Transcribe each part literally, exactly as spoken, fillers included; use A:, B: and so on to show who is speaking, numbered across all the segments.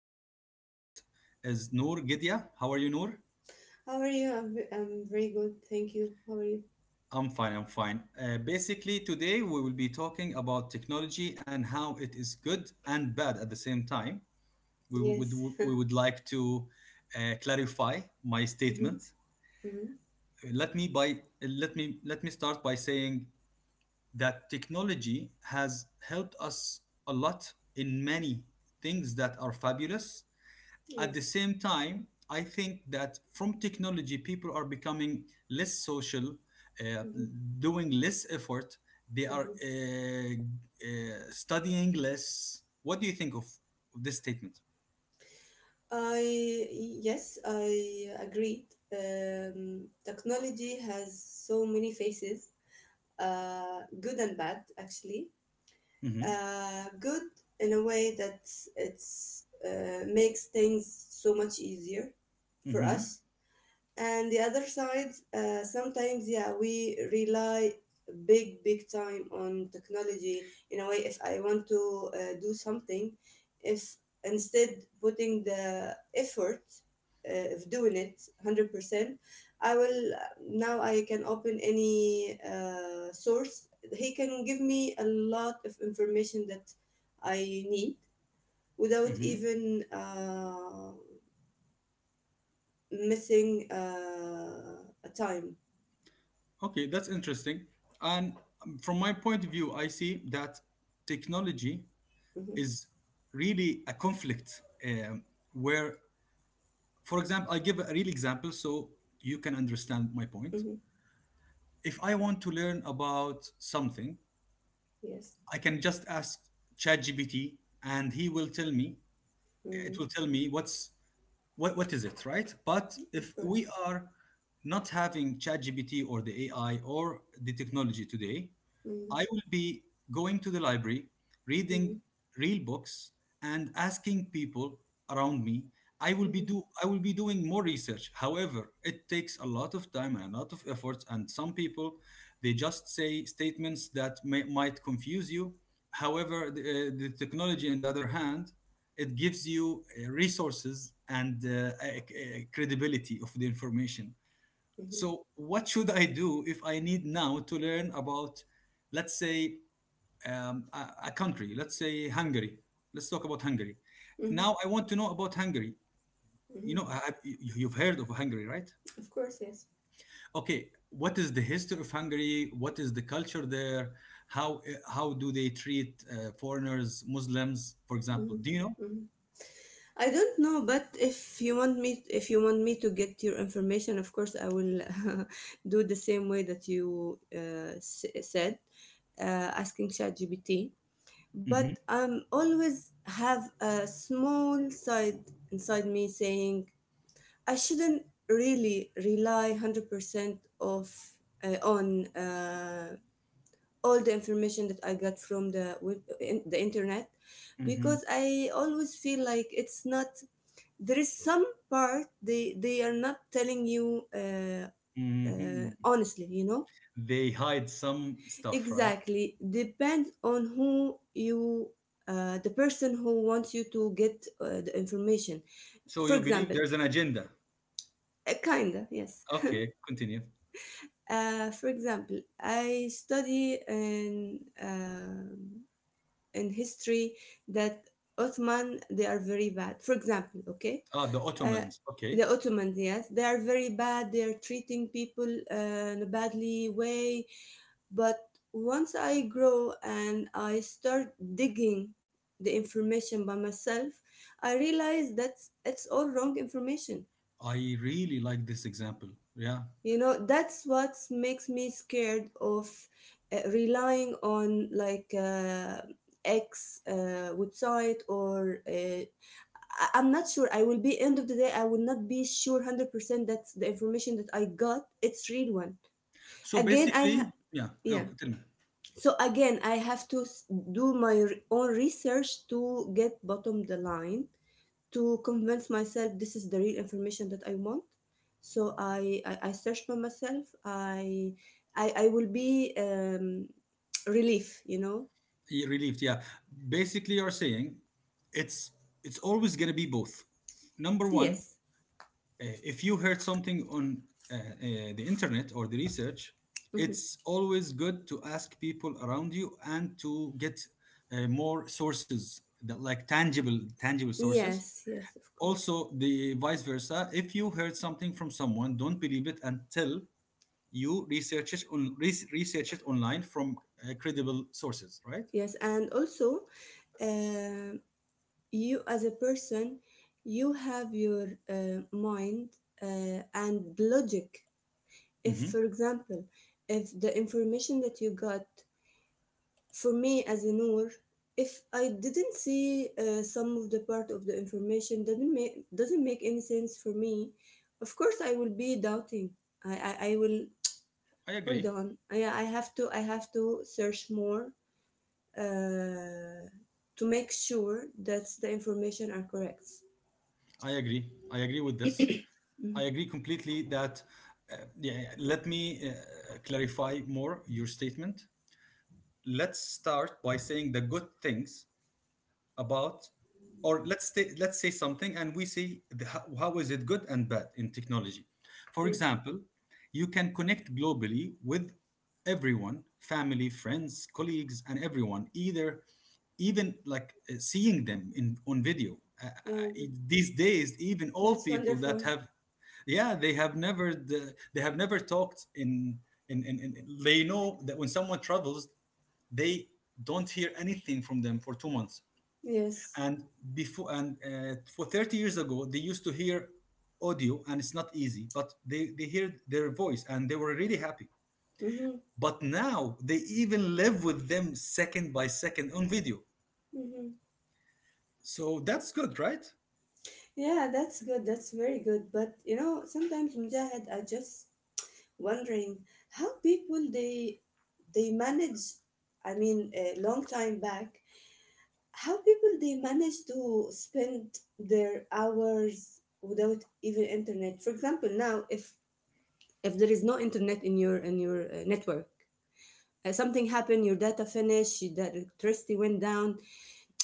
A: and our guest is Noor Gedia. How are you, Noor?
B: How are you? I'm, ve- I'm very good. Thank you. How are you?
A: I'm fine. I'm fine. Uh, basically, today we will be talking about technology and how it is good and bad at the same time. We
B: Yes.
A: would we would like to uh, clarify my
B: Mm-hmm.
A: statement.
B: Mm-hmm.
A: Let me by let me let me start by saying that technology has helped us a lot in many things that are fabulous. At the
B: Yes.
A: same time, I think that from technology, people are becoming less social, uh,
B: Mm-hmm.
A: doing less effort. They are
B: Mm-hmm.
A: uh, uh, studying less. What do you think of this statement?
B: I yes, I agreed. Um, technology has so many faces, uh, good and bad actually.
A: hmm
B: Uh, good in a way that it's uh, makes things so much easier for
A: hmm
B: us, and the other side, uh, sometimes, yeah, we rely big big time on technology. In a way, if I want to uh, do something if instead putting the effort uh, of doing it one hundred percent, I will, now I can open any uh, source. He can give me a lot of information that I need without
A: hmm
B: even uh, missing uh, a time.
A: Okay, that's interesting. And from my point of view, I see that technology
B: Mhm.
A: is really a conflict, um, where, for example, I give a real example so you can understand my point.
B: Mhm.
A: If I want to learn about something,
B: Yes.
A: I can just ask ChatGPT and he will tell me, it
B: Mhm.
A: will tell me what's what, what is it, right? But
B: Of
A: if
B: course.
A: we are not having ChatGPT or the A I or the technology today,
B: Mhm.
A: I will be going to the library, reading
B: Mhm.
A: real books, and asking people around me. I will be
B: Mhm.
A: do I will be doing more research. However, it takes a lot of time and a lot of efforts, and some people they just say statements that may, might confuse you. However, the, uh, the technology, on the other hand, it gives you uh, resources and uh, uh, credibility of the information.
B: Mhm.
A: So, what should I do if I need now to learn about, let's say, um, a, a country? Let's say Hungary. Let's talk about Hungary.
B: Mhm.
A: Now, I want to know about Hungary. You
B: Mhm.
A: know, I, I- you- you've heard of Hungary, right?
B: Of course, yes.
A: Okay, what is the history of Hungary? What is the culture there? How uh, how do they treat uh, foreigners, Muslims, for example?
B: Mhm.
A: Do you know?
B: Mhm. I don't know, but if you want me, if you want me to get your information, of course, I will do the same way that you uh, s- said, uh, asking ChatGPT. But
A: hmm
B: I'm always have a small side inside me saying I shouldn't really rely one hundred percent of uh, on uh, all the information that I got from the web, in, the internet,
A: hmm
B: because I always feel like it's not, there is some part they they are not telling you uh, uh,
A: hmm
B: honestly, you know.
A: They hide some stuff, right?
B: Exactly. Depends on who you, uh, the person who wants you to get uh, the information.
A: So
B: For
A: you believe
B: example,
A: there's an agenda.
B: uh, kinda yes.
A: Okay, continue.
B: Uh, for example, I study in um in history that Ottoman, they are very bad. For example, okay,
A: Ah, the
B: uh,
A: Ottomans. Okay.
B: the Ottomans, yes, they are very bad. They are treating people uh, in a badly way. But once I grow and I start digging the information by myself, I realize that it's all wrong information.
A: I really like this example. Yeah.
B: You know, that's what makes me scared of uh, relying on like, uh, x uh, website or uh, I- I'm not sure. I will be, end of the day, I will not be sure one hundred percent that the information that I got, it's real one.
A: So
B: again i ha-
A: basically, yeah.
B: yeah
A: Okay, tell me.
B: so again I have to s- do my re- own research to get bottom the line, to convince myself this is the real information that I want. So I I, I search by myself. I I, I will be, um, relief, you know.
A: Yeah, relieved. Yeah. Basically, you're saying it's it's always gonna be both. Number one,
B: Yes.
A: uh, if you heard something on uh, uh, the internet or the research,
B: Mhm.
A: it's always good to ask people around you and to get uh, more sources that like tangible tangible sources.
B: Yes, yes, of course.
A: Also, the vice versa: if you heard something from someone, don't believe it until you research it on res- research it online from uh, credible sources, right?
B: Yes, and also, um you as a person, you have your uh, mind uh, and logic. If,
A: hmm
B: for example, if the information that you got, for me as a Noor, if I didn't see uh, some of the part of the information doesn't make doesn't make any sense for me, of course I will be doubting. I I, I will
A: i
B: hold
A: agree
B: on. I I have to, I have to search more uh, to make sure that the information are correct.
A: i agree i agree with this. I agree completely that uh, yeah, let me uh, clarify more your statement. Let's start by saying the good things about, or let's say let's say something and we see the, how, how is it good and bad in technology. For
B: Yes.
A: example, you can connect globally with everyone, family, friends, colleagues and everyone, either even like uh, seeing them in, on video, uh, uh,
B: Yeah.
A: these days. Even
B: That's
A: old people that
B: wonderful.
A: have, yeah, they have never the, they have never talked in, in, in in they know that when someone travels they don't hear anything from them for two months,
B: Yes.
A: and before, and uh, for thirty years ago they used to hear audio and it's not easy, but they they heard their voice and they were really happy.
B: Mm-hmm.
A: But now they even live with them second by second on video,
B: Mm-hmm.
A: so that's good, right?
B: Yeah, that's good. That's very good. But you know, sometimes, Mujahid, I just wondering how people they they manage, I mean, a long time back, how people they manage to spend their hours without even internet. For example, now if if there is no internet in your in your uh, network, uh, something happened, your data finished, your that electricity went down,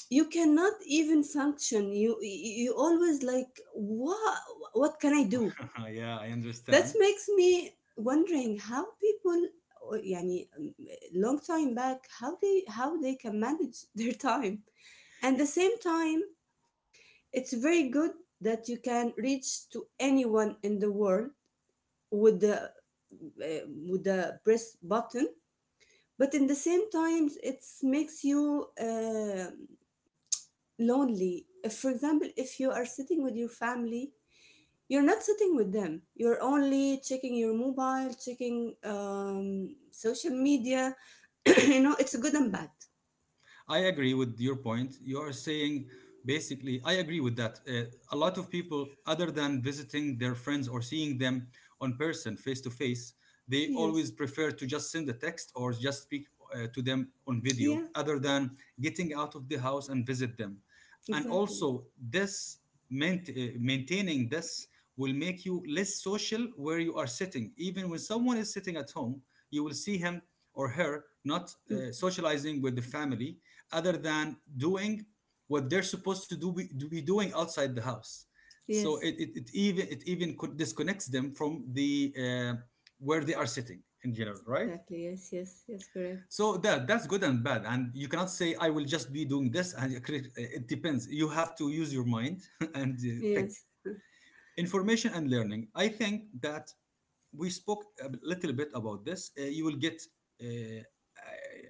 B: you cannot even function. You you you always like, what what can I do?
A: yeah, I
B: That
A: understand.
B: makes me wondering how people, uh, يعني, um, long time back, how they, how they can manage their time. And the same time, it's very good that you can reach to anyone in the world with the, uh, with the press button. But in the same times, it makes you, um lonely. If, for example, if you are sitting with your family, you're not sitting with them. You're only checking your mobile, checking, um, social media. You know, it's good and bad.
A: I agree with your point. You are saying, basically, I agree with that. Uh, a lot of people, other than visiting their friends or seeing them on person, face to face, they
B: Yes.
A: always prefer to just send a text or just speak uh, to them on video,
B: Yeah,
A: other than getting out of the house and visit them. And
B: exactly.
A: also, this maint- uh, maintaining this will make you less social, where you are sitting. Even when someone is sitting at home, you will see him or her not
B: Mm.
A: uh, socializing with the family, other than doing what they're supposed to do be, to be doing outside the house. So
B: Yes,
A: it, it, it even it even disconnects them from the uh, where they are sitting in general, right?
B: exactly. Yes, yes, yes, correct.
A: So that, that's good and bad, and you cannot say I will just be doing this, and you crit- it depends. You have to use your mind and uh, pick
B: Yes.
A: information. And learning, I think that we spoke a little bit about this, uh, you will get uh,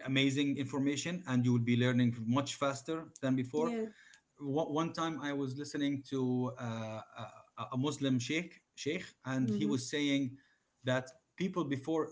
A: amazing information and you will be learning much faster than before.
B: Yeah.
A: One one time I was listening to uh, a, a Muslim sheikh, sheikh, and he
B: Mm-hmm.
A: was saying that people before,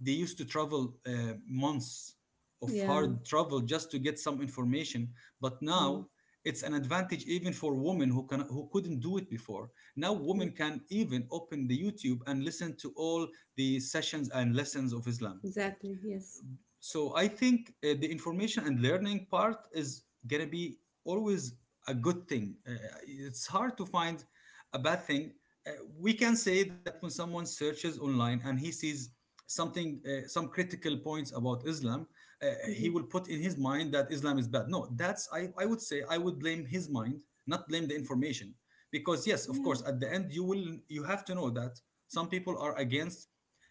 A: they used to travel uh, months of
B: Yeah.
A: hard travel just to get some information, but now
B: Mm.
A: it's an advantage even for women who can who couldn't do it before. Now
B: Yeah.
A: women can even open the YouTube and listen to all the sessions and lessons of Islam.
B: Exactly. Yes.
A: So I think uh, the information and learning part is gonna be always a good thing. Uh, it's hard to find a bad thing. uh, we can say that when someone searches online and he sees something, uh, some critical points about Islam, uh, he
B: Mm-hmm.
A: will put in his mind that Islam is bad. No, that's, I, I would say I would blame his mind, not blame the information. Because yes, of
B: Yeah.
A: course, at the end you will, you have to know that some people are against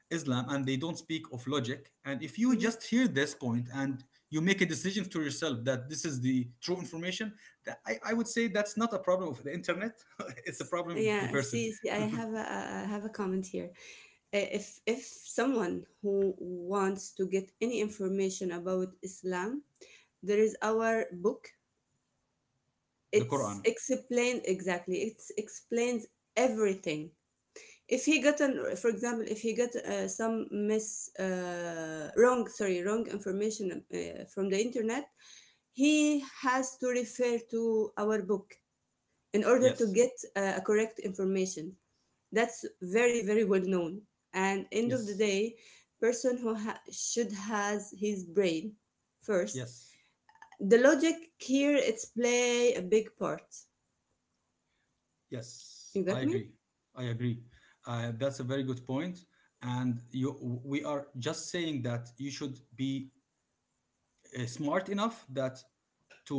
A: Islam and they don't speak of logic. And if you
B: Mm-hmm.
A: just hear this point and you make a decision to yourself that this is the true information, that, I, I would say that's not a problem of the internet. it's a
B: S-
A: problem of the
B: Yeah,
A: person.
B: see, see, I have a, I have a comment here. Uh, If if someone who wants to get any information about Islam, there is our book.
A: The
B: It's
A: Quran.
B: explained exactly. It explains everything. If he got an, For example, if he got uh, some mis uh, wrong, sorry, wrong information uh, from the internet, he has to refer to our book in order to
A: Yes,
B: get uh, a correct information. That's very very well known. And end of
A: yes,
B: the day, person who ha- should has his brain first.
A: yes,
B: The logic here, it's play a big part.
A: yes.
B: You
A: I
B: got me.
A: agree. I agree. Uh, that's a very good point. And you, we are just saying that you should be uh, smart enough that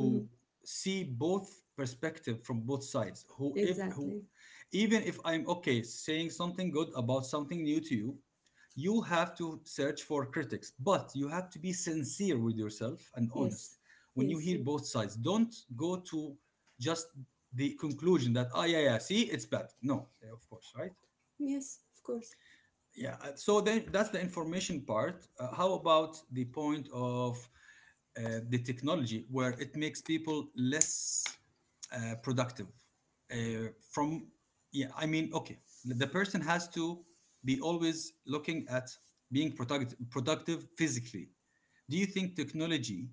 B: Hmm.
A: see both perspective from both sides, who if who,
B: Exactly.
A: even if I'm okay saying something good about something new to you, you have to search for critics, but you have to be sincere with yourself and
B: Yes,
A: honest. When you
B: yes,
A: hear
B: yes.
A: both sides, don't go to just the conclusion that, ah, yeah, yeah, see, it's bad, no. Yeah, of course, right.
B: Yes, of course.
A: Yeah, uh, so then that's the information part. Uh, how about the point of uh, the technology where it makes people less uh, productive? Uh, from, yeah, I mean, okay, the person has to be always looking at being productive, productive physically. Do you think technology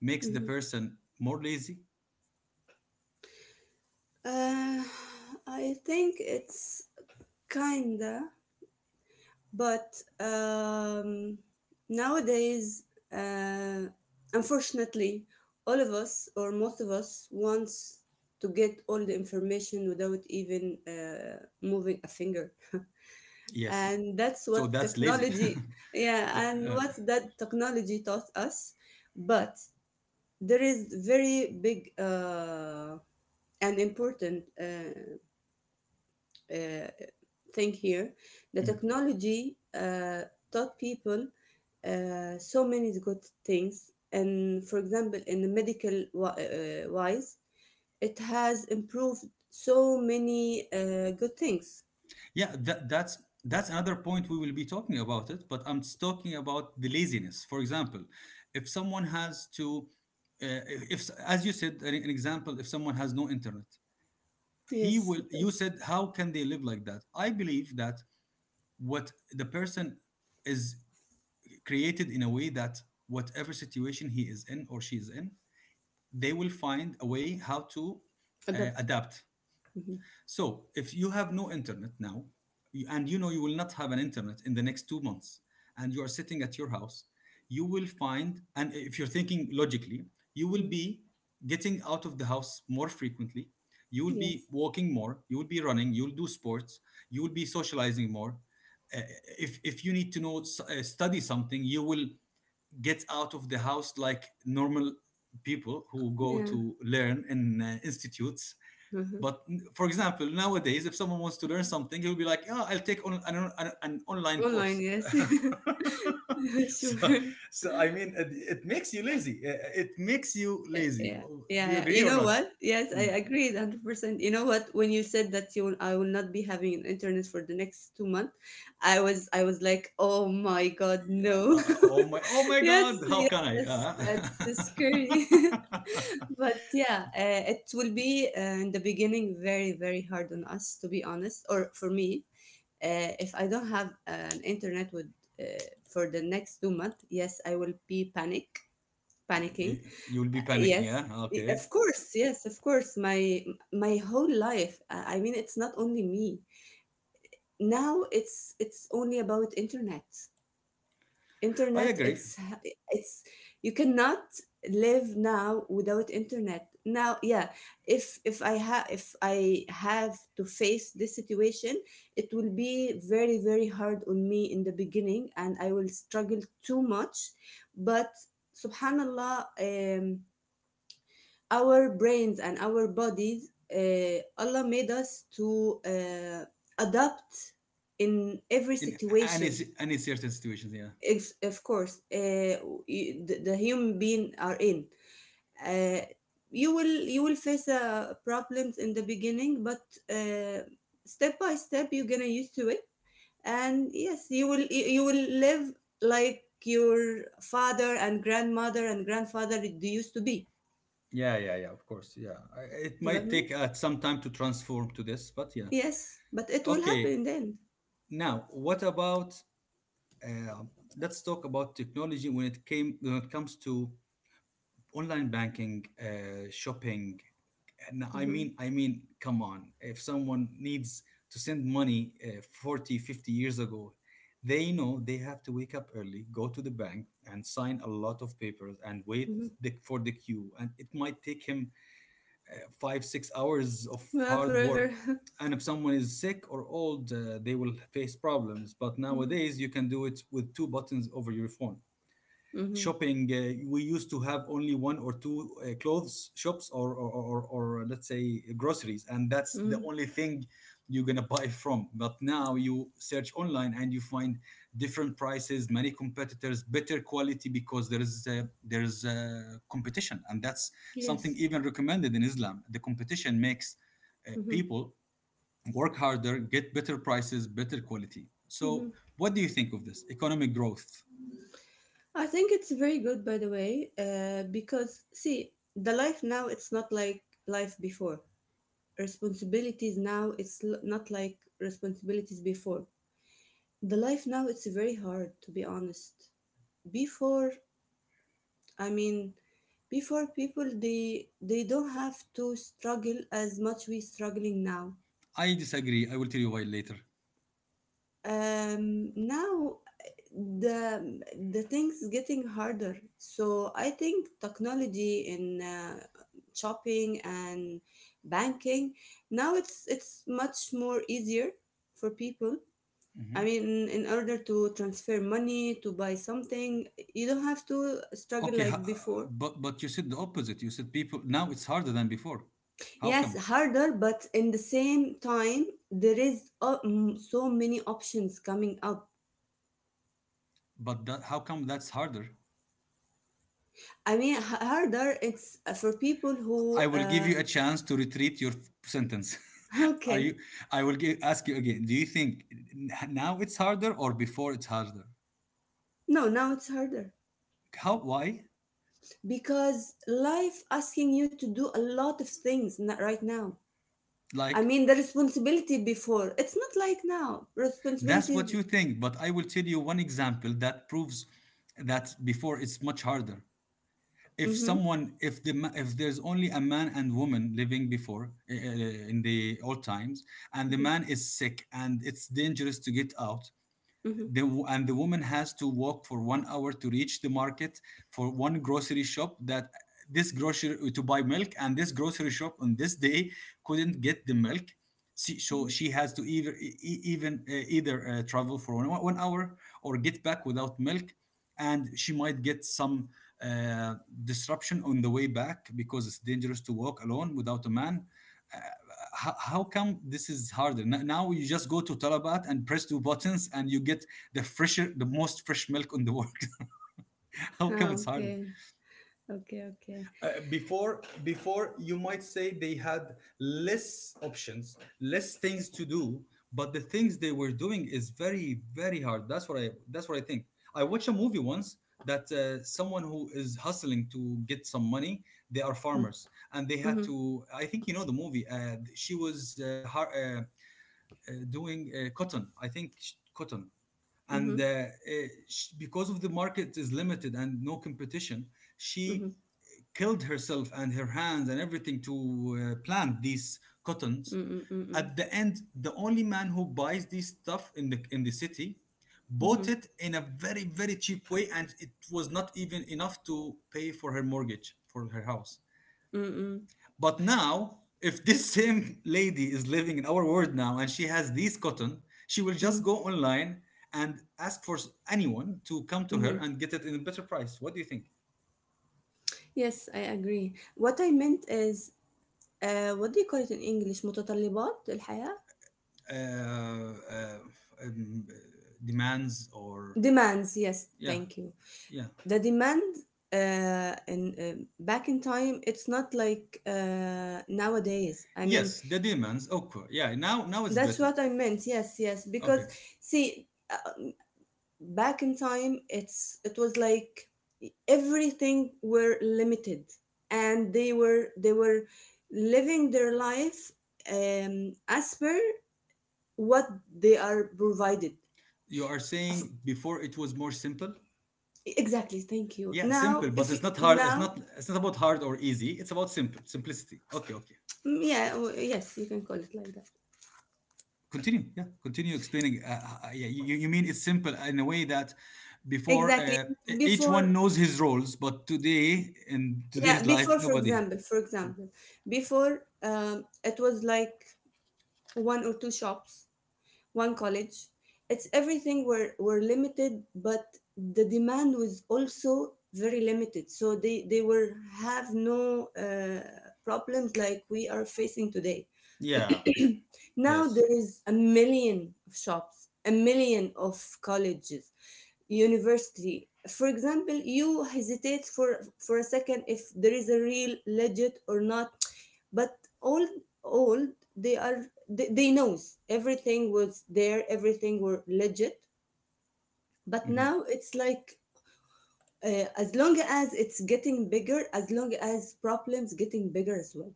A: makes the
B: Hmm.
A: person more lazy?
B: Uh, I think it's kinda. But um, nowadays, uh, unfortunately, all of us or most of us wants to get all the information without even uh, moving a finger,
A: Yes.
B: and that's
A: So
B: what
A: that's lazy.
B: technology. Yeah,
A: The-
B: and
A: uh,
B: what that technology taught us. But there is very big uh, and important uh, uh, thing here. The
A: mm.
B: technology uh, taught people uh, so many good things. And for example, in the medical wi- uh, uh, wise, it has improved so many uh, good things.
A: Yeah, that, that's that's another point we will be talking about it. But I'm just talking about the laziness. For example, if someone has to, uh, if as you said, an, an example, if someone has no internet, he
B: Yes.
A: will. You said, how can they live like that? I believe that what the person is created in a way that whatever situation he is in or she is in, they will find a way how to uh,
B: Adapt.
A: adapt.
B: Mhm.
A: So, if you have no internet now, you- and you know you will not have an internet in the next two months, and you are sitting at your house, you will find, and if you're thinking logically, you will
B: Mm.
A: be getting out of the house more frequently. You will be
B: Yes.
A: walking more. You will be running. You will do sports. You will be socializing more. Uh, if if you need to know s- uh, study something, you will get out of the house like normal people who go
B: Yeah.
A: to learn in uh, institutes.
B: Mhm.
A: But for example, nowadays, if someone wants to learn something, he'll be like, "Yeah, I'll take on, an, an, an online
B: Online,
A: course."
B: yes.
A: so,
B: Sure.
A: so I mean, it, it makes you lazy. Uh, uh, It makes you
B: Eh,
A: lazy.
B: Yeah,
A: Well, do
B: yeah,
A: you
B: yeah.
A: agree
B: You
A: or
B: know
A: not?
B: what? Yes,
A: Mm.
B: I agree one hundred percent. You know what? When you said that you will, I will not be having an internet for the next two months, I was, I was like, "Oh my God, no."
A: Uh, uh, oh my! Oh my
B: Yes,
A: God! How can I?
B: yes, that's so
A: Uh,
B: scary. But yeah, uh, it will be uh, in the beginning very, very hard on us, to be honest, or for me. Uh, if I don't have, eh, an internet with, uh, for the next two months, yes, I will be panic
A: you,
B: panicking.
A: you'll be
B: Uh,
A: panicking.
B: yes,
A: Yeah.
B: Y- of
A: Okay.
B: course. Yes, of course, my my whole life, uh, I mean it's not only me. Now it's it's only about internet.
A: I
B: internet
A: agree.
B: it's it's you cannot live now without internet now. Yeah, if if I have, if I have to face this situation, it will be very, very hard on me in the beginning, and I will struggle too much. But subhanallah, um our brains and our bodies, uh, allah made us to uh, adapt in every
A: In any
B: situation.
A: any certain situations. Yeah.
B: Ex- of course, uh, you- the, the human being are in, uh, you will, you will face uh, problems in the beginning, but uh, step by step, you're gonna used to it. And yes, you will, you you will live like your father and grandmother and grandfather used to be.
A: Yeah, yeah, yeah. Of course, yeah. I- It
B: You got
A: might
B: me.
A: take uh, some time to transform to this, but yeah.
B: Yes, but it will happen
A: Okay,
B: in the end.
A: now what about uh, let's talk about technology when it came when it comes to online banking, uh, shopping. And I
B: Hmm.
A: mean, I mean, come on. If someone needs to send money uh, forty, fifty years ago, they know they have to wake up early, go to the bank, and sign a lot of papers and wait
B: Hmm.
A: the, for the queue. And it might take him five six hours of
B: Yeah,
A: hard
B: forever.
A: work. And if someone is sick or old, uh, they will face problems, but
B: Hmm.
A: nowadays you can do it with two buttons over your phone.
B: Hmm.
A: Shopping, uh, we used to have only one or two uh, clothes shops or or, or or let's say groceries, and that's
B: Hmm.
A: the only thing you're gonna buy from. But now you search online and you find different prices, many competitors, better quality, because there is uh, there's uh, competition. And that's something
B: Yes.
A: even recommended in Islam. The competition makes uh,
B: Hmm.
A: people work harder, get better prices, better quality. So
B: Hmm.
A: what do you think of this economic growth?
B: I think it's very good, by the way, uh, because see, the life now it's not like life before. Responsibilities now it's, l- not like responsibilities before. The life now it's very hard, to be honest. Before, I mean, before people, they they don't have to struggle as much we struggling now.
A: I disagree. I will tell you why later.
B: Um now the the things getting harder, so I think technology in uh, shopping and banking now it's it's much more easier for people. I
A: Hmm.
B: mean, in order to transfer money, to buy something, you don't have to struggle
A: Okay, ho-
B: like
A: uh,
B: before.
A: but but you said the opposite. You said people now it's harder than before. How
B: Yes,
A: come?
B: harder, but in the same time, there is uh, mm, so many options coming up.
A: But that, how come that's harder?
B: I mean, h- harder. It's uh, for people who.
A: I will give
B: Uh,
A: you a chance to retreat your f- sentence. Are you?
B: okay.
A: I will give, ask you again. Do you think n- now it's harder or before it's harder?
B: No, now it's harder
A: How? Why?
B: because life asking you to do a lot of things n- right now. I
A: Like?
B: mean, the responsibility before it's not like now.
A: That's what
B: Responsibility.
A: you think, but I will tell you one example that proves that before it's much harder. If
B: Mm-hmm.
A: someone, if the ma- if there's only a man and woman living before, uh, in the old times, and the
B: Mm-hmm.
A: man is sick and it's dangerous to get out,
B: Mm-hmm.
A: the, and the woman has to walk for one hour to reach the market for one grocery shop, that this grocery to buy milk, and this grocery shop on this day couldn't get the milk, she, so
B: Mm-hmm.
A: she has to either e- e- even uh, either uh, travel for one, one hour or get back without milk. And she might get some uh, disruption on the way back because it's dangerous to walk alone without a man. how, how come this is harder? N- now you just go to Talabat and press two buttons and you get the fresher, the most fresh milk on the world. How come
B: Ah,
A: it's harder?
B: okay. Okay. Okay.
A: Uh, Before, before you might say they had less options, less things to do, but the things they were doing is very very hard. That's what I, that's what i think. I watched a movie once that uh, someone who is hustling to get some money, they are
B: Mm-hmm.
A: farmers, and they had
B: Mm-hmm.
A: to, I think you know the movie. Uh, she was uh, har- uh, uh, doing uh, cotton. I think sh- cotton,
B: Mm-hmm.
A: and uh, uh, sh- because of the market is limited and no competition,
B: Mm-hmm.
A: she killed herself and her hands and everything to uh, plant these cottons.
B: Mm-hmm. Mm-hmm.
A: At the end, the only man who buys this stuff in the in the city bought
B: Mm-hmm.
A: it in a very very cheap way, and it was not even enough to pay for her mortgage for her house.
B: Mm-hmm,
A: But now, if this same lady is living in our world now and she has these cotton, she will just
B: mm-hmm,
A: go online and ask for s- anyone to come to her
B: mm-hmm.
A: and get it in a better price. What do you think?
B: Yes, I agree. What I meant is, Uh, what do you call it in English? متطلبات الحياة.
A: Uh, uh, um, uh, demands or
B: Demands, yes,
A: yeah,
B: thank you.
A: yeah,
B: The demand, uh, in uh, back in time, it's not like, uh, nowadays, I mean,
A: yes, the demands. Okay, yeah. Now, now it's
B: that's
A: better.
B: what I meant. Yes, yes, because
A: Okay,
B: see, uh, back in time, it's, it was like everything were limited, and they were they were living their life, um, as per what they are provided.
A: you are saying before it was more simple.
B: Exactly. Thank you.
A: Yeah,
B: Now,
A: simple, but
B: if you
A: it's not hard. It's
B: now.
A: not. It's not about hard or easy. It's about simple simplicity. Okay, okay.
B: Mm, yeah, w- yes, you can call it like that.
A: Continue, yeah, continue explaining. Uh, uh, yeah, you, you mean it's simple in a way that before,
B: Exactly.
A: uh, each one
B: Before,
A: knows his roles, but today in
B: yeah,
A: today's life
B: before, for
A: nobody.
B: example, for example, before, um, it was like one or two shops, one college. It's everything were were limited, but the demand was also very limited. So they they were have no uh, problems like we are facing today.
A: Yeah,
B: Now
A: yes.
B: there is a million of shops, a million of colleges, university. For example, you hesitate for for a second if there is a real legit or not. But all all they are, they, they knows everything was there, everything were legit. But now
A: Hmm.
B: it's like, uh, as long as it's getting bigger, as long as problems getting bigger as well.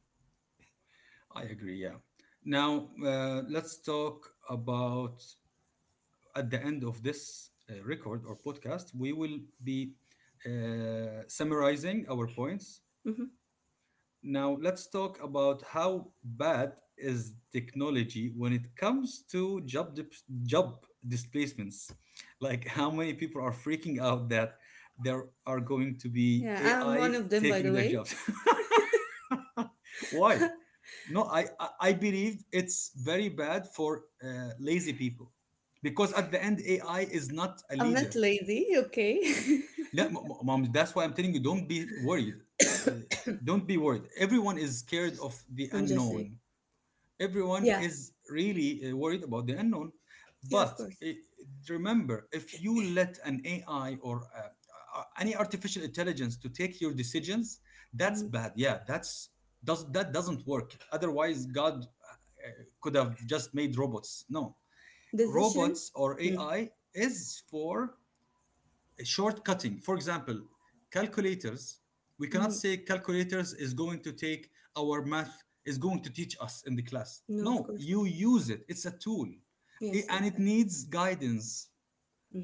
A: I agree. Yeah. Now, uh, let's talk about, at the end of this uh, record or podcast, we will be uh, summarizing our points. Now, let's talk about how bad is technology when it comes to job dip- job displacements. Like how many people are freaking out that there are going to be
B: Yeah, I'm
A: A I
B: one of them, by
A: taking
B: the
A: their
B: way.
A: jobs. Why? No, I I I believe it's very bad for uh, lazy people because at the end A I is not a
B: I'm
A: leader.
B: not lazy, okay?
A: Yeah, m- moms, that's why I'm telling you, don't be worried. Uh, Don't be worried. Everyone is scared of the
B: I'm just sick.
A: unknown. Everyone
B: Yeah,
A: is really uh, worried about the unknown.
B: yeah, of
A: But
B: course.
A: uh, remember, if you let an A I or uh, uh, any artificial intelligence to take your decisions, that's
B: Hmm.
A: bad. Yeah, that's, does that, doesn't work. Otherwise, God uh, could have just made robots. No,
B: Decision?
A: robots or
B: Mm.
A: A I is for shortcutting. For example, calculators. We cannot
B: Hmm.
A: say calculators is going to take our math, is going to teach us in the class.
B: No, of
A: No,
B: course
A: you
B: not.
A: use it. It's a tool,
B: Yes,
A: and it
B: exactly.
A: needs guidance,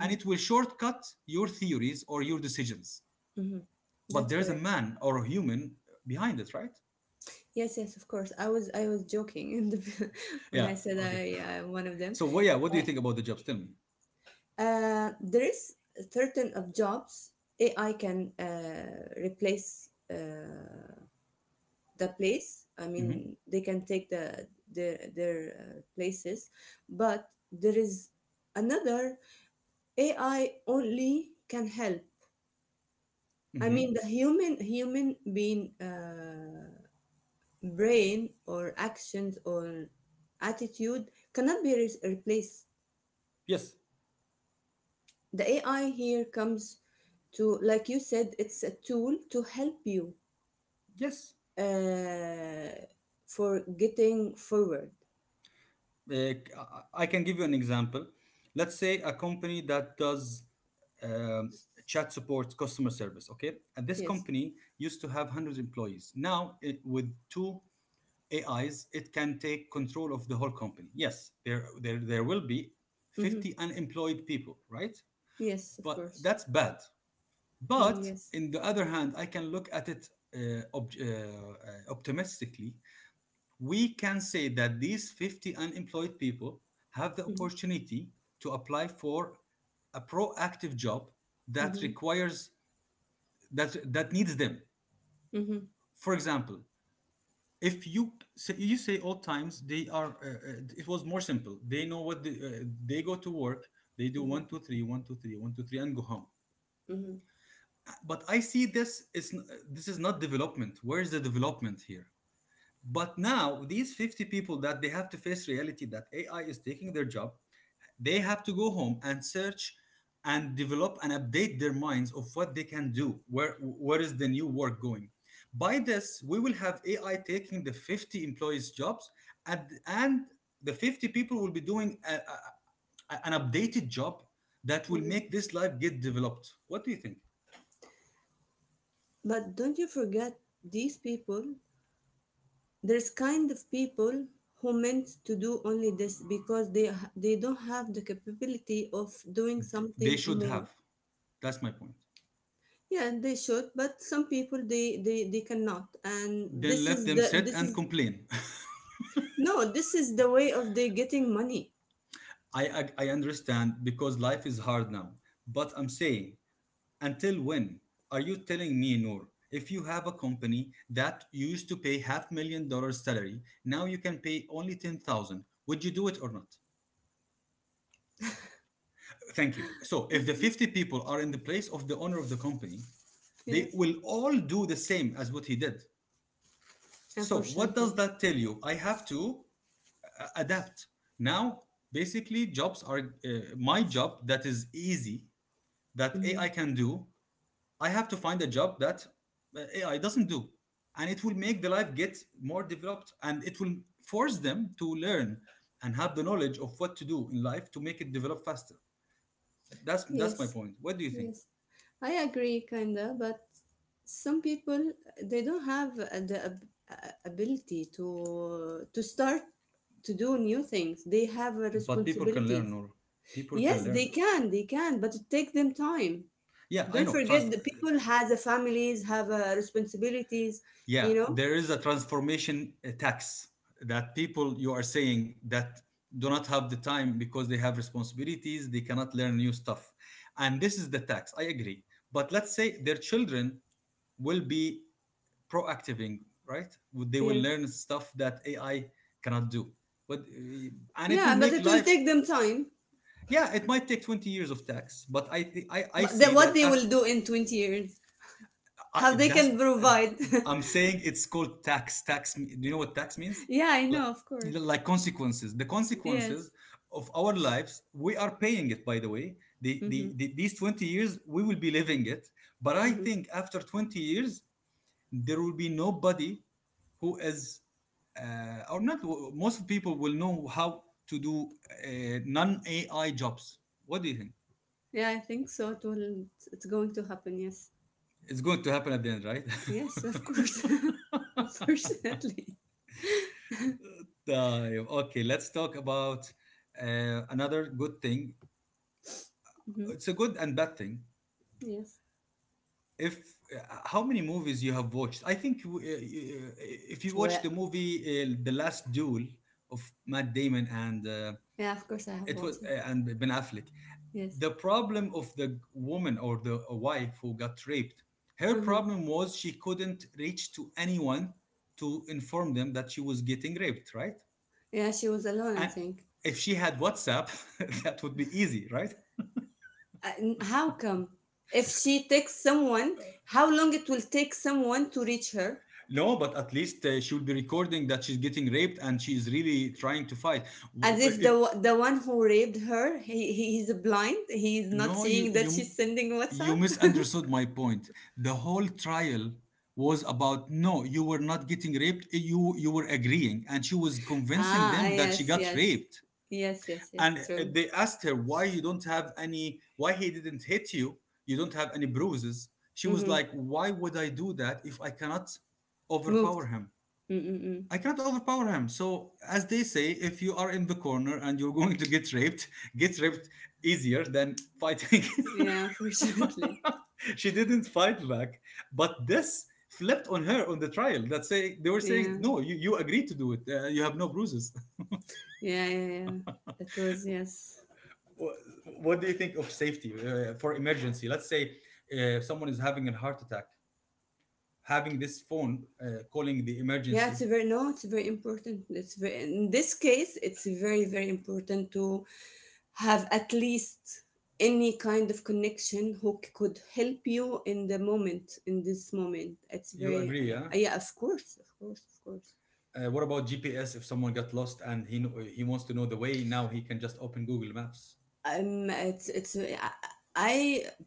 A: and it will shortcut your theories or your decisions. But
B: That's
A: there's a
B: correct.
A: man or a human behind it, right?
B: Yes, yes, of course. I was I was joking in the, when
A: Yeah.
B: I said
A: Okay.
B: I am one of them.
A: So, well, yeah. What do you
B: Uh,
A: think about the jobs? Tell me.
B: uh, there is a certain of jobs A I can uh, replace uh, the place. I
A: Mm-hmm.
B: mean, they can take the their their uh, places, but there is another A I only can help. I mean,
A: Mm-hmm.
B: the human human being uh, brain or actions or attitude cannot be re- replaced.
A: Yes.
B: The A I here comes to, like you said, it's a tool to help you
A: Yes.
B: uh, for getting forward.
A: Uh, I I can give you an example. Let's say a company that does um, chat support customer service, okay? And this
B: Yes.
A: company used to have one hundred employees. Now it, with two ais, it can take control of the whole company. Yes, there there, there will be
B: Mm-hmm.
A: fifty unemployed people, right?
B: Yes, of
A: But
B: course.
A: that's bad.
B: Mm,
A: But
B: yes.
A: in the other hand, I can look at it uh, ob- uh, uh, optimistically. We can say that these fifty unemployed people have the
B: Mm-hmm.
A: opportunity to apply for a proactive job that
B: Mm-hmm.
A: requires, that that needs them.
B: Mm-hmm.
A: For example, if you say, you say old times, they are uh, uh, it was more simple. They know what the, uh, they go to work. They do
B: Mm-hmm.
A: one two three one two three one two three and go home.
B: Mm-hmm.
A: But I see this is n- this is not development. Where is the development here? But now these fifty people that they have to face reality that A I is taking their job, they have to go home and search and develop and update their minds of what they can do, where where is the new work going. By this, we will have A I taking the fifty employees' jobs, and and the fifty people will be doing a, a- an updated job that will make this life get developed. What do you think?
B: But don't you forget these people, there's kind of people who meant to do only this because they they don't have the capability of doing
A: They
B: something
A: should
B: more.
A: have. That's my point.
B: Yeah, they should, but some people they they, they cannot, and
A: Then
B: this
A: let
B: is
A: them
B: the
A: sit
B: this
A: and
B: is
A: complain.
B: no, this is the way of they getting money.
A: I, I I understand because life is hard now, but I'm saying, until when? Are you telling me, Noor, if you have a company that you used to pay half million dollars salary, now you can pay only ten thousand, would you do it or not? Thank you. So if the fifty people are in the place of the owner of the company,
B: Yeah,
A: they will all do the same as what he did. So what does
B: unfortunately.
A: that tell you? I have to uh, adapt. Now, basically jobs are uh, my job that is easy that A I
B: Mhm.
A: can do, I have to find a job that uh, A I doesn't do. And it will make the life get more developed, and it will force them to learn and have the knowledge of what to do in life to make it develop faster. That's that's my
B: Yes,
A: point. What do you think?
B: yes, I agree, kinda. But some people they don't have uh, the ab- uh, ability to to start to do new things. They have uh,
A: But people can learn,
B: responsibilities.
A: or people can
B: Yes, they
A: learn.
B: can, they can, but it takes them time.
A: Yeah, I
B: Don't
A: know.
B: forget
A: Trans-
B: the people has a families, have uh, responsibilities.
A: yeah,
B: You know.
A: there is a transformation uh, tax that people, you are saying that do not have the time because they have responsibilities, they cannot learn new stuff. And this is the tax. I agree. But let's say their children will be proactiving, right? They will
B: Yes.
A: learn stuff that A I cannot do. But uh, and it will
B: Yeah, but
A: make
B: it will
A: life.
B: take them time.
A: Yeah, it might take twenty years of tax, but I thi- I, I
B: But that
A: see
B: what
A: that
B: they will
A: after,
B: do in twenty years, how
A: I,
B: they
A: that's
B: can provide.
A: I'm saying it's called tax. Tax. Do you know what tax means?
B: Yeah, I
A: Like,
B: know, of course.
A: like consequences. The consequences
B: Yes.
A: of our lives, we are paying it. By the way, the,
B: Mm-hmm,
A: the, the these twenty years we will be living it. But I
B: mm-hmm.
A: think after twenty years there will be nobody who is uh, or not, most people will know how to do uh, non A I jobs. What do you think?
B: Yeah, I think so. It will. It's it's going to happen. Yes.
A: It's going to happen at the end, right?
B: Yes, of course. Unfortunately.
A: طيب, okay, let's talk about uh, another good thing.
B: Mm-hmm.
A: It's a good and bad thing.
B: Yes.
A: If uh, how many movies you have watched? I think uh, uh, if you watch
B: Well.
A: the movie uh, The Last Duel of Matt Damon and uh,
B: Yeah, of course I have
A: it was,
B: watched it.
A: uh, and Ben Affleck,
B: Yes.
A: the problem of the woman or the wife who got raped, her
B: Uh huh.
A: problem was she couldn't reach to anyone to inform them that she was getting raped, right?
B: Yeah, she was alone, I
A: And
B: think.
A: if she had WhatsApp that would be easy, right?
B: Uh, n- how come? If she takes someone, how long it will take someone to reach her?
A: No, but at least uh, she would be recording that she's getting raped and she's really trying to fight,
B: As if
A: if,
B: the wa- the one who raped her, he he is blind. He is not
A: no, you,
B: seeing that
A: you
B: she's sending
A: you
B: WhatsApp.
A: misunderstood my point. The whole trial was about no, you were not getting raped. You you were agreeing, and she was convincing
B: Ah,
A: them that she
B: yes,
A: got
B: yes,
A: raped.
B: yes, yes, yes.
A: And
B: True.
A: they asked her why you don't have any, why he didn't hit you. You don't have any bruises. She was
B: Mm-hmm.
A: like, why would I do that if I cannot
B: Moved.
A: overpower him?
B: Mm-mm-mm.
A: I cannot overpower him. So as they say, if you are in the corner and you're going to get raped, get raped easier than fighting.
B: Yeah, unfortunately.
A: She didn't fight back. But this flipped on her on the trial. That say they were saying,
B: Yeah.
A: no, you, you agreed to do it. Uh, you have no bruises.
B: yeah, yeah, yeah. It was, yes.
A: What do you think of safety uh, for emergency? Let's say uh, someone is having a heart attack, having this phone uh, calling the
B: Yeah, it's
A: emergency.
B: very. No, it's very important. It's very, in this case, it's very very important to have at least any kind of connection who c- could help you in the moment, in this moment. It's
A: You
B: very.
A: agree,
B: Yeah,
A: yeah?
B: yeah. Of course, of course, of course.
A: Uh, what about G P S? If someone got lost and he he wants to know the way, now he can just open Google Maps.
B: Um, it's it's. Uh, I I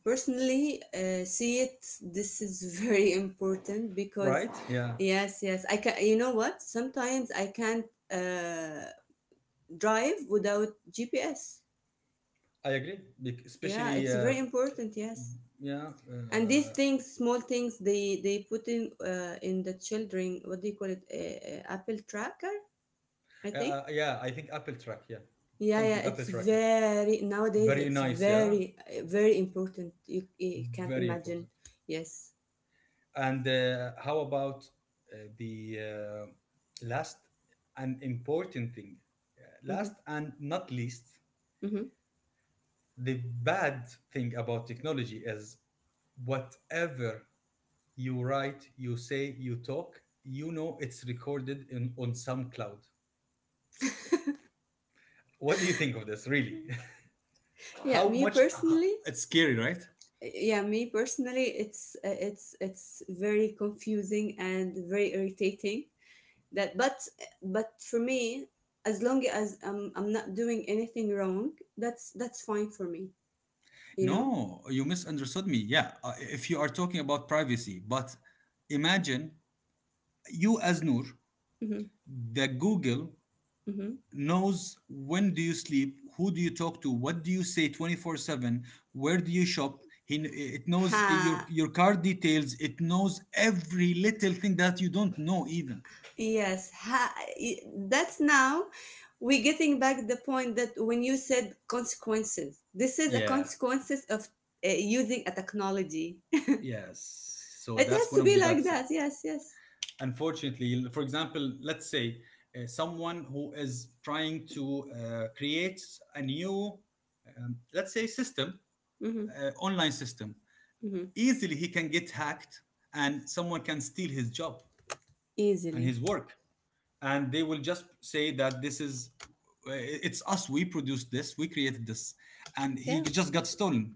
B: personally uh, see it. This is very important because,
A: Right? Yeah,
B: yes, yes. I can. You know what? Sometimes I can't uh, drive without G P S.
A: I agree. Bec-
B: Yeah,
A: Especially,
B: it's
A: uh,
B: very important. Yes,
A: yeah,
B: and these
A: uh,
B: things, small things, they they put in uh, in the children. What do you call it? Uh, uh, Apple tracker, I
A: Uh,
B: think.
A: uh, yeah, I think Apple Track. Yeah,
B: Yeah, yeah,
A: something Apple
B: it's
A: Track. Yeah,
B: very. Nowadays
A: very
B: it's
A: nice. Yeah,
B: very uh, very important. You, you can't
A: very
B: imagine.
A: important.
B: Yes.
A: And uh, how about uh, the uh, last and important thing? Uh,
B: Hmm.
A: Last and not least,
B: Hmm.
A: the bad thing about technology is whatever you write, you say, you talk, you know it's recorded in on some cloud. What do you think of this? Really,
B: Yeah,
A: how
B: me
A: much? uh,
B: personally,
A: It's scary, right?
B: yeah, me personally, it's uh, it's it's very confusing and very irritating. That but but for me, as long as I'm I'm not doing anything wrong, that's that's fine for me, you know?
A: No, you misunderstood me. Yeah, uh, if you are talking about privacy, but imagine you as Noor,
B: Mhm.
A: the Google
B: Mhm.
A: knows when do you sleep, who do you talk to, what do you say twenty-four seven, where do you shop. He, it knows uh, your
B: Ha.
A: your card details. It knows every little thing that you don't know even.
B: Yes, ha- y- that's now we're getting back the point that when you said consequences, this is a
A: Yeah,
B: consequences of uh, using a technology.
A: yes. So
B: It
A: that's
B: has to
A: one of
B: be
A: the
B: like
A: bets.
B: that. Yes, yes.
A: Unfortunately, for example, let's say uh, someone who is trying to uh, create a new um, let's say system,
B: Mm-hmm,
A: uh, online system,
B: mm-hmm.
A: easily he can get hacked and someone can steal his job and
B: Easily.
A: his work, and they will just say that this is uh, it's us, we produced this, we created this, and
B: Yeah.
A: he just got stolen.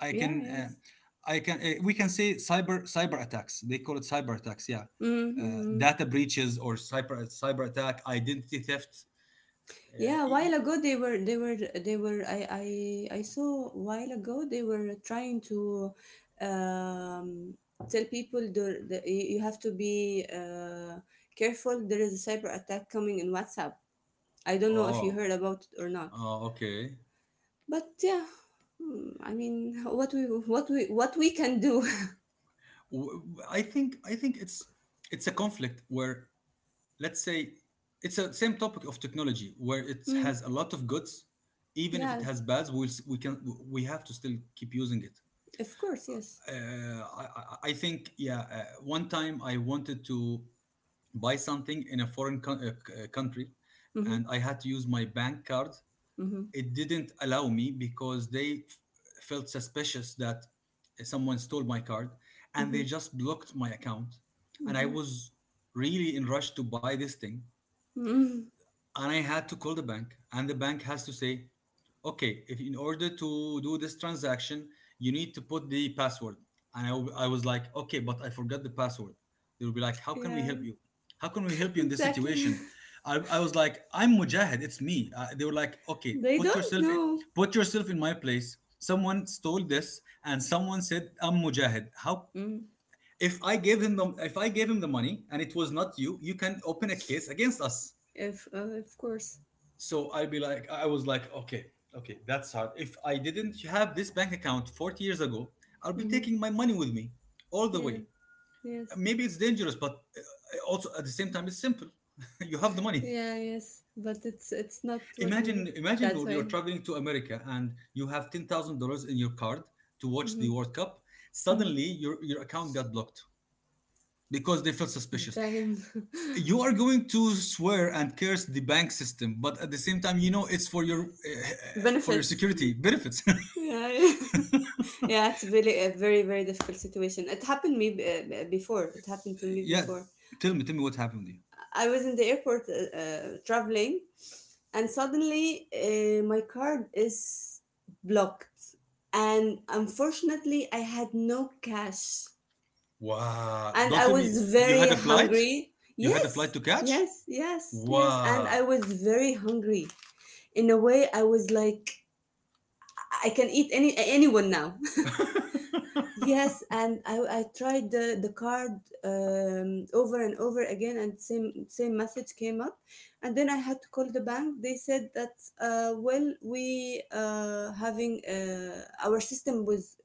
A: I can
B: Yes.
A: uh, I can uh, we can say cyber cyber attacks. They call it cyber attacks. Yeah,
B: Mm-hmm.
A: uh,
B: mm-hmm.
A: data breaches or cyber cyber attack, identity theft. Uh,
B: Yeah, a
A: e-
B: while
A: e-
B: ago they were they were they were I I I saw a while ago they were trying to um, tell people the, the you you have to be uh, careful. There is a cyber attack coming in WhatsApp. I don't know if you
A: oh,
B: heard about it or not,
A: oh, okay.
B: but yeah, mm, I mean, what we what we what we can do.
A: W- w- I think I think it's it's a conflict where, let's say, it's a same topic of technology where it
B: Mm,
A: has a lot of goods. Even if it
B: yeah,
A: has bads, we we can, we have to still keep using it.
B: of course, yes.
A: Uh, I, I I think yeah. Uh, one time I wanted to buy something in a foreign co- uh, uh, country,
B: Hmm.
A: and I had to use my bank card.
B: Hmm.
A: It didn't allow me because they f- felt suspicious that someone stole my card, and they
B: Hmm.
A: just blocked my account. And I
B: Hmm.
A: was really in rush to buy this thing,
B: Hmm.
A: and I had to call the bank, and the bank has to say, okay, if in order to do this transaction, you need to put the password. And I, w- I was like, okay, but I forgot the password. They will be like, how can we
B: Yeah,
A: help you? How can we help you in this
B: exactly.
A: situation? I, I was like, I'm Mujahid, it's me. Uh, they were like, okay,
B: They
A: put
B: don't
A: yourself in,
B: know.
A: put yourself in my place. Someone stole this, and someone said, I'm Mujahid. How?
B: Mm,
A: If I gave him the, if I gave him the money and it was not you, you can open a case against us.
B: if uh, of course.
A: So i'd be like I was like, okay, okay, that's hard. If I didn't have this bank account forty years ago, I'll be
B: Hmm.
A: taking my money with me all the
B: Yeah.
A: way.
B: Yes.
A: Maybe it's dangerous, but uh, also at the same time it's simple. You have the money.
B: Yeah. Yes. But it's it's not working
A: imagine imagine,
B: that
A: Noor, you're
B: way.
A: traveling to America and you have ten thousand dollars in your card to watch the
B: Hmm.
A: World Cup.
B: Hmm.
A: Suddenly your, your account got blocked because they felt suspicious.
B: Damn.
A: You are going to swear and curse the bank system, but at the same time you know it's for your uh, uh, for your
B: Benefits.
A: security benefits.
B: Yeah. Yeah. Yeah. It's really a very very difficult situation. It happened me uh, before. It happened to me
A: Yeah,
B: before.
A: tell me, tell me what happened to you.
B: I was in the airport uh, uh, traveling, and suddenly uh, my card is blocked, and unfortunately I had no cash
A: Wow.
B: and
A: Don't
B: I
A: tell me
B: was
A: you
B: very
A: had a flight?
B: hungry.
A: You had a flight
B: Yes,
A: to catch?
B: yes, yes, yes. And
A: Wow.
B: I was very hungry. In a way, I was like, I can eat any anyone now. Yes, and I, I tried the the card um, over and over again, and same same message came up, and then I had to call the bank. They said that uh, well, we uh, having uh, our system was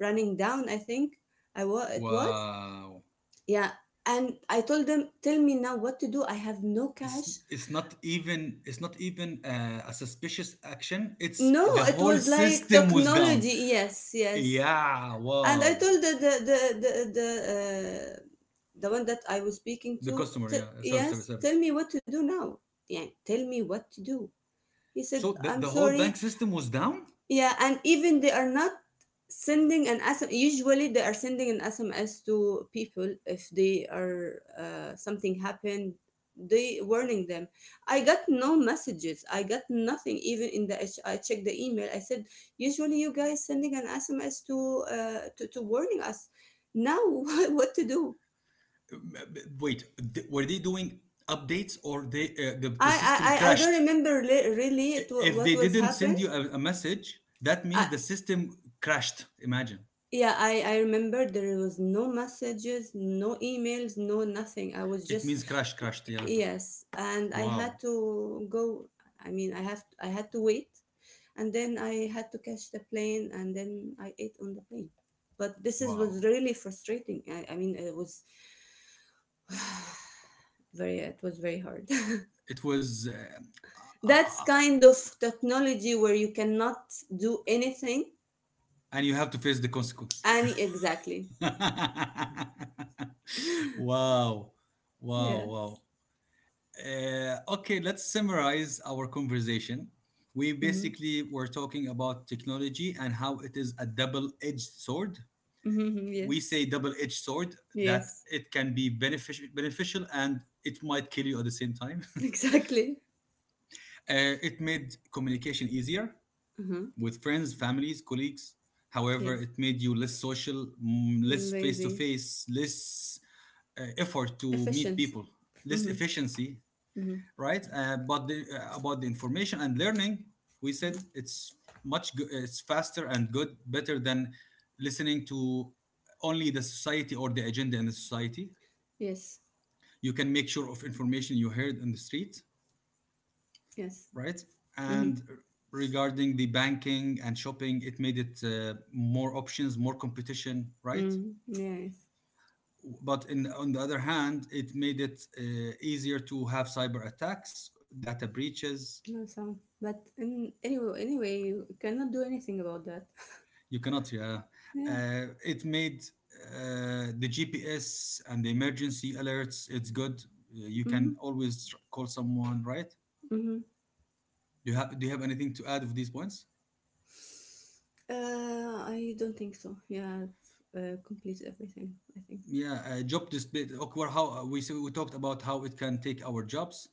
B: running down. I think I was it was.
A: Wow.
B: Yeah. And I told them, tell me now what to do. I have no
A: It's
B: cash.
A: it's not even it's not even uh, a suspicious action. It's
B: No,
A: the
B: it
A: whole
B: was like
A: system was down.
B: technology. Yes, yes.
A: Yeah.
B: And I
A: Wow.
B: told the the the the the, uh, the one that I was speaking
A: The
B: to,
A: customer.
B: t-
A: Yeah. Service. Service.
B: yes, tell
A: Service.
B: me what to do now. Yeah, tell me what to do. He said,
A: So the,
B: I'm
A: the whole
B: sorry.
A: bank system was down.
B: Yeah, and even they are not sending an S M S. Usually they are sending an S M S to people if they are uh, something happened, they warning them. I got no messages. I got nothing even in the H- I checked the email. I said usually you guys sending an S M S to uh, to, to warning us. Now what what to do?
A: Wait, th- were they doing updates, or they uh, the,
B: I
A: the
B: I
A: system
B: I I don't
A: crashed?
B: remember li- really
A: I-
B: it, wa-
A: if
B: what
A: they
B: was
A: didn't send
B: happened.
A: you a, a message, that
B: I,
A: means the system crashed. Imagine.
B: Yeah, I, I remember there was no messages, no emails, no nothing. I was
A: It
B: just
A: means crash crashed, yeah.
B: yes, and I had
A: wow
B: to go. I mean, I have I had to wait, and then I had to catch the plane, and then I ate on the plane. But this is
A: wow.
B: was really frustrating. I, I mean, it was very. It was very hard.
A: It was uh, uh, uh,
B: That's
A: uh, uh,
B: kind of technology where you cannot do anything.
A: and you have to face the consequence.
B: And exactly.
A: Wow. Wow wow
B: Yes.
A: uh, Okay, let's summarize our conversation. We
B: Mm-hmm.
A: basically were talking about technology and how it is a double-edged sword.
B: Mm-hmm.
A: We
B: Yes.
A: say double-edged sword that
B: Yes.
A: it can be beneficial beneficial and it might kill you at the same time.
B: Exactly.
A: Uh, it made communication easier
B: Mm-hmm.
A: with friends, families, colleagues. However,
B: Yes.
A: it made you less social, mm, less
B: Lazy.
A: face-to-face, less uh, effort to meet
B: Efficiency.
A: people, less
B: Mm-hmm.
A: efficiency,
B: Mm-hmm.
A: right? Uh, but the, uh, about the information and learning, we said it's much go- it's faster and good, better than listening to only the society or the agenda in the society.
B: Yes.
A: You can make sure of information you heard on the street,
B: Yes.
A: right?
B: Mm-hmm.
A: And regarding the banking and shopping, it made it uh, more options, more competition, right?
B: Mm. Yes.
A: But in, on the other hand, it made it uh, easier to have cyber attacks, data breaches.
B: No sound. But in, anyway, anyway, you cannot do anything about that.
A: You cannot. Yeah,
B: Yeah.
A: uh, it made uh, the G P S and the emergency alerts. It's good. You
B: Mm-hmm.
A: can always tr- call someone, right?
B: Mm-hmm.
A: Do you have Do you have anything to add of these points?
B: Uh, I don't think so. Yeah, I've uh, completed everything, I think.
A: Yeah, uh, job display. Okay, well, how we, so we talked about how it can take our jobs,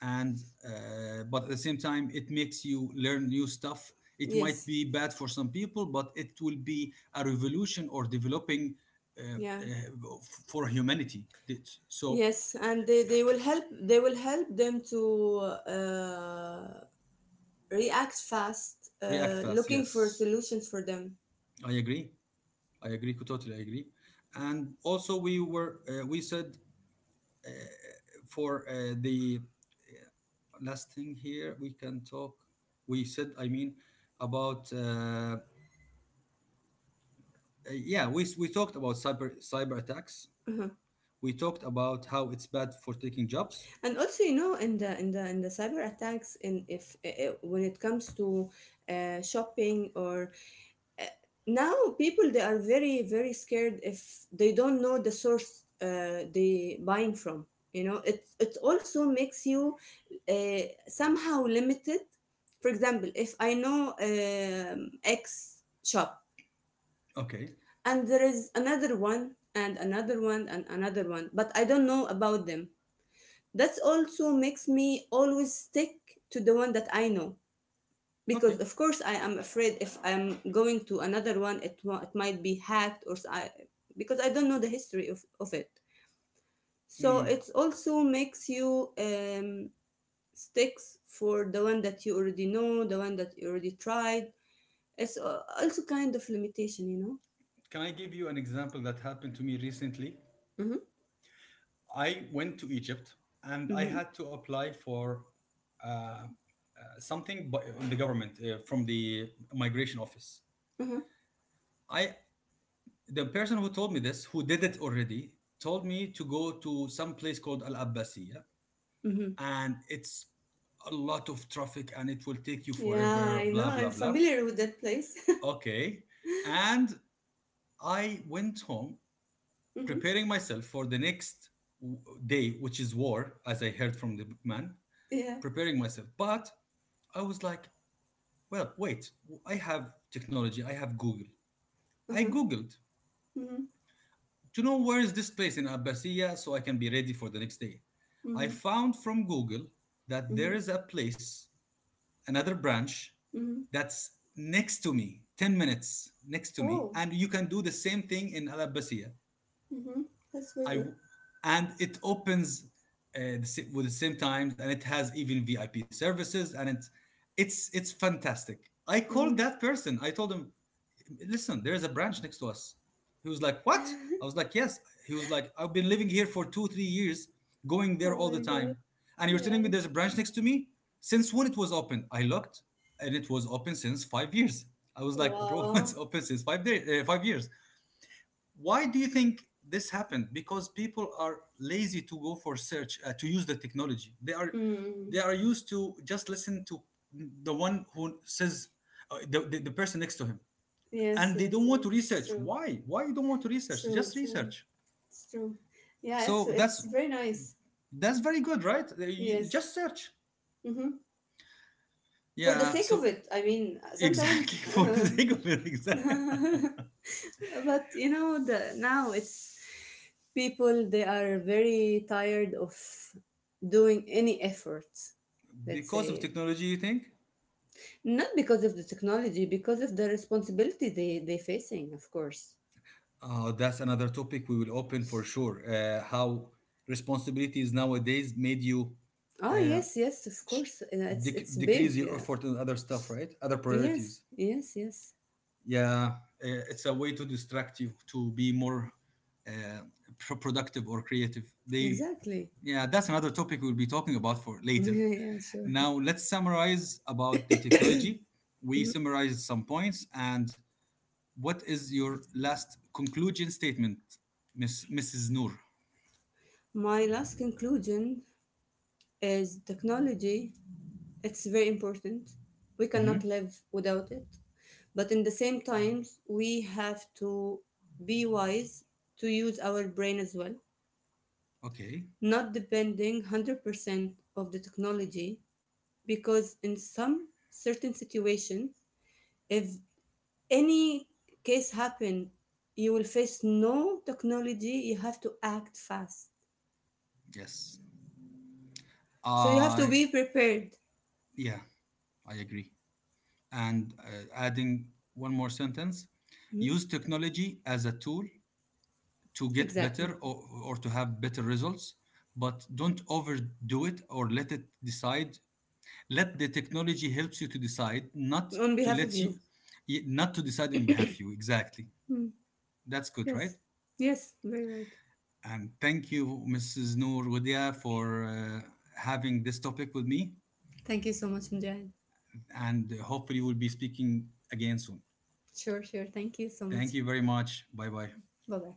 A: and uh, but at the same time it makes you learn new stuff. It might
B: Yes.
A: be bad for some people, but it will be a revolution or developing, uh,
B: Yeah.
A: uh, for humanity. It's, so
B: Yes, and they, they will help they will help them to uh, react fast,
A: react
B: uh,
A: fast,
B: looking for
A: yes.
B: solutions for them.
A: I agree, I agree, totally agree. And also we were, uh, we said uh, for uh, the last thing here we can talk. We said, I mean, about uh, yeah, we, we talked about cyber cyber attacks.
B: Mm-hmm.
A: We talked about how it's bad for taking jobs.
B: And also, you know, in the in the in the cyber attacks, in if uh, when it comes to uh, shopping or now people they are very very scared if they don't know the source uh, they buying from. You know, it it also makes you uh, somehow limited. For example, if I know um, X shop
A: Okay,
B: and there is another one and another one and another one, but I don't know about them, that's also makes me always stick to the one that I know,
A: okay.
B: because of course I am afraid if I'm going to another one it wa- it might be hacked or s- I, because I don't know the history of, of it. So
A: Hmm.
B: it also makes you um, sticks for the one that you already know, the one that you already tried. It's uh, also kind of limitation, you know.
A: Can I give you an example that happened to me recently?
B: Hmm.
A: I went to Egypt and I
B: Mm-hmm.
A: had to apply for uh, uh, something bu- in the government, uh, from the migration office.
B: Uh-huh.
A: I The person who told me this, who did it already, told me to go to some place called Al Abbasiya,
B: Mm-hmm.
A: and it's a lot of traffic and it will take you
B: Yeah, I
A: forever,
B: know.
A: blah,
B: I'm
A: blah, blah.
B: familiar with that place.
A: Okay. And I went home
B: Mm-hmm.
A: preparing myself for the next w- day, which is war, as I heard from the man,
B: Yeah.
A: preparing myself. But I was like, well, wait, I have technology, I have Google. I
B: Uh-huh.
A: Googled
B: Mm-hmm.
A: to know where is this place in Abbasiya so I can be ready for the next day. I
B: Mm-hmm.
A: found from Google that there
B: Mhm.
A: is a place, another branch
B: Mhm.
A: that's next to me, ten minutes next to me,
B: Oh.
A: and you can do the same thing in Al Abbasiya.
B: Mhm. That's very
A: I
B: good.
A: w- and it opens uh, with the same times and it has even V I P services and it's it's it's fantastic. I called
B: Mm.
A: that person. I told him, listen, there's a branch next to us. He was like, what? I was like, yes. He was like, I've been living here for two, three years, going there
B: Oh
A: all the
B: my god.
A: time. And you're
B: Yeah.
A: telling me there's a branch next to me? Since when it was open? I looked and it was open since five years. I was like, bro, it's
B: Wow.
A: open since five, day, uh, five years. Why do you think this happened? Because people are lazy to go for search, uh, to use the technology. They are, they
B: Mm.
A: are used to just listen to the one who says, uh, the, the, the person next to him,
B: Yes,
A: and they
B: yes,
A: don't want to
B: yes.
A: research.
B: True.
A: why why you don't want to research?
B: True,
A: Just
B: true.
A: research.
B: It's true. Yeah, it's
A: So that's
B: it's very nice.
A: that's very good, right? You
B: Yes.
A: just search.
B: Mm-hmm. For the
A: Yeah,
B: sake of
A: so
B: it, I mean, sometimes,
A: exactly, for the
B: uh,
A: sake of it, exactly.
B: but you know, the now it's people they are very tired of doing any effort. Let's
A: Because of
B: say
A: technology, you think?
B: not because of the technology, because of the responsibility they they facing, of course.
A: Oh, that's another topic we will open for sure. Uh, how responsibilities nowadays made you
B: Ah,
A: uh,
B: yes, yes, of
A: sh-
B: course. Uh, It's
A: dec-
B: it's big.
A: decrease your
B: Uh,
A: effort in other stuff, right, other
B: Yes,
A: priorities?
B: yes, yes.
A: Yeah, eh, it's a way to distract you to be more uh, pro- productive or creative, they.
B: Exactly.
A: Yeah, that's another topic we'll be talking about for later.
B: Yeah, sure.
A: Now let's summarize about the technology. We summarized some points, and what is your last conclusion statement, miss, Mrs. Noor?
B: My last conclusion is technology. It's very important. We
A: Hmm.
B: cannot live without it, but in the same times, we have to be wise to use our brain as well,
A: Okay.
B: not depending one hundred percent of the technology, because in some certain situation, if any case happen, you will face no technology, you have to act fast,
A: Yes.
B: so you have to
A: I.
B: be prepared.
A: Yeah, I agree. And uh, adding one more sentence:
B: Mhm.
A: use technology as a tool to get
B: Exactly.
A: better, or, or to have better results, but don't overdo it or let it decide. Let the technology helps you to decide, not
B: On
A: to
B: behalf of
A: let
B: you.
A: you, not to decide on behalf of you, exactly.
B: Mm.
A: That's good, right?
B: Yes. Yes, very right.
A: And thank you, Mrs. Noor Wadia, for uh, having this topic with me,
B: Thank you so much, Mujahid.
A: and hopefully we'll be speaking again soon.
B: Sure, sure, thank you so much.
A: Thank you very much, bye bye.
B: Bye bye.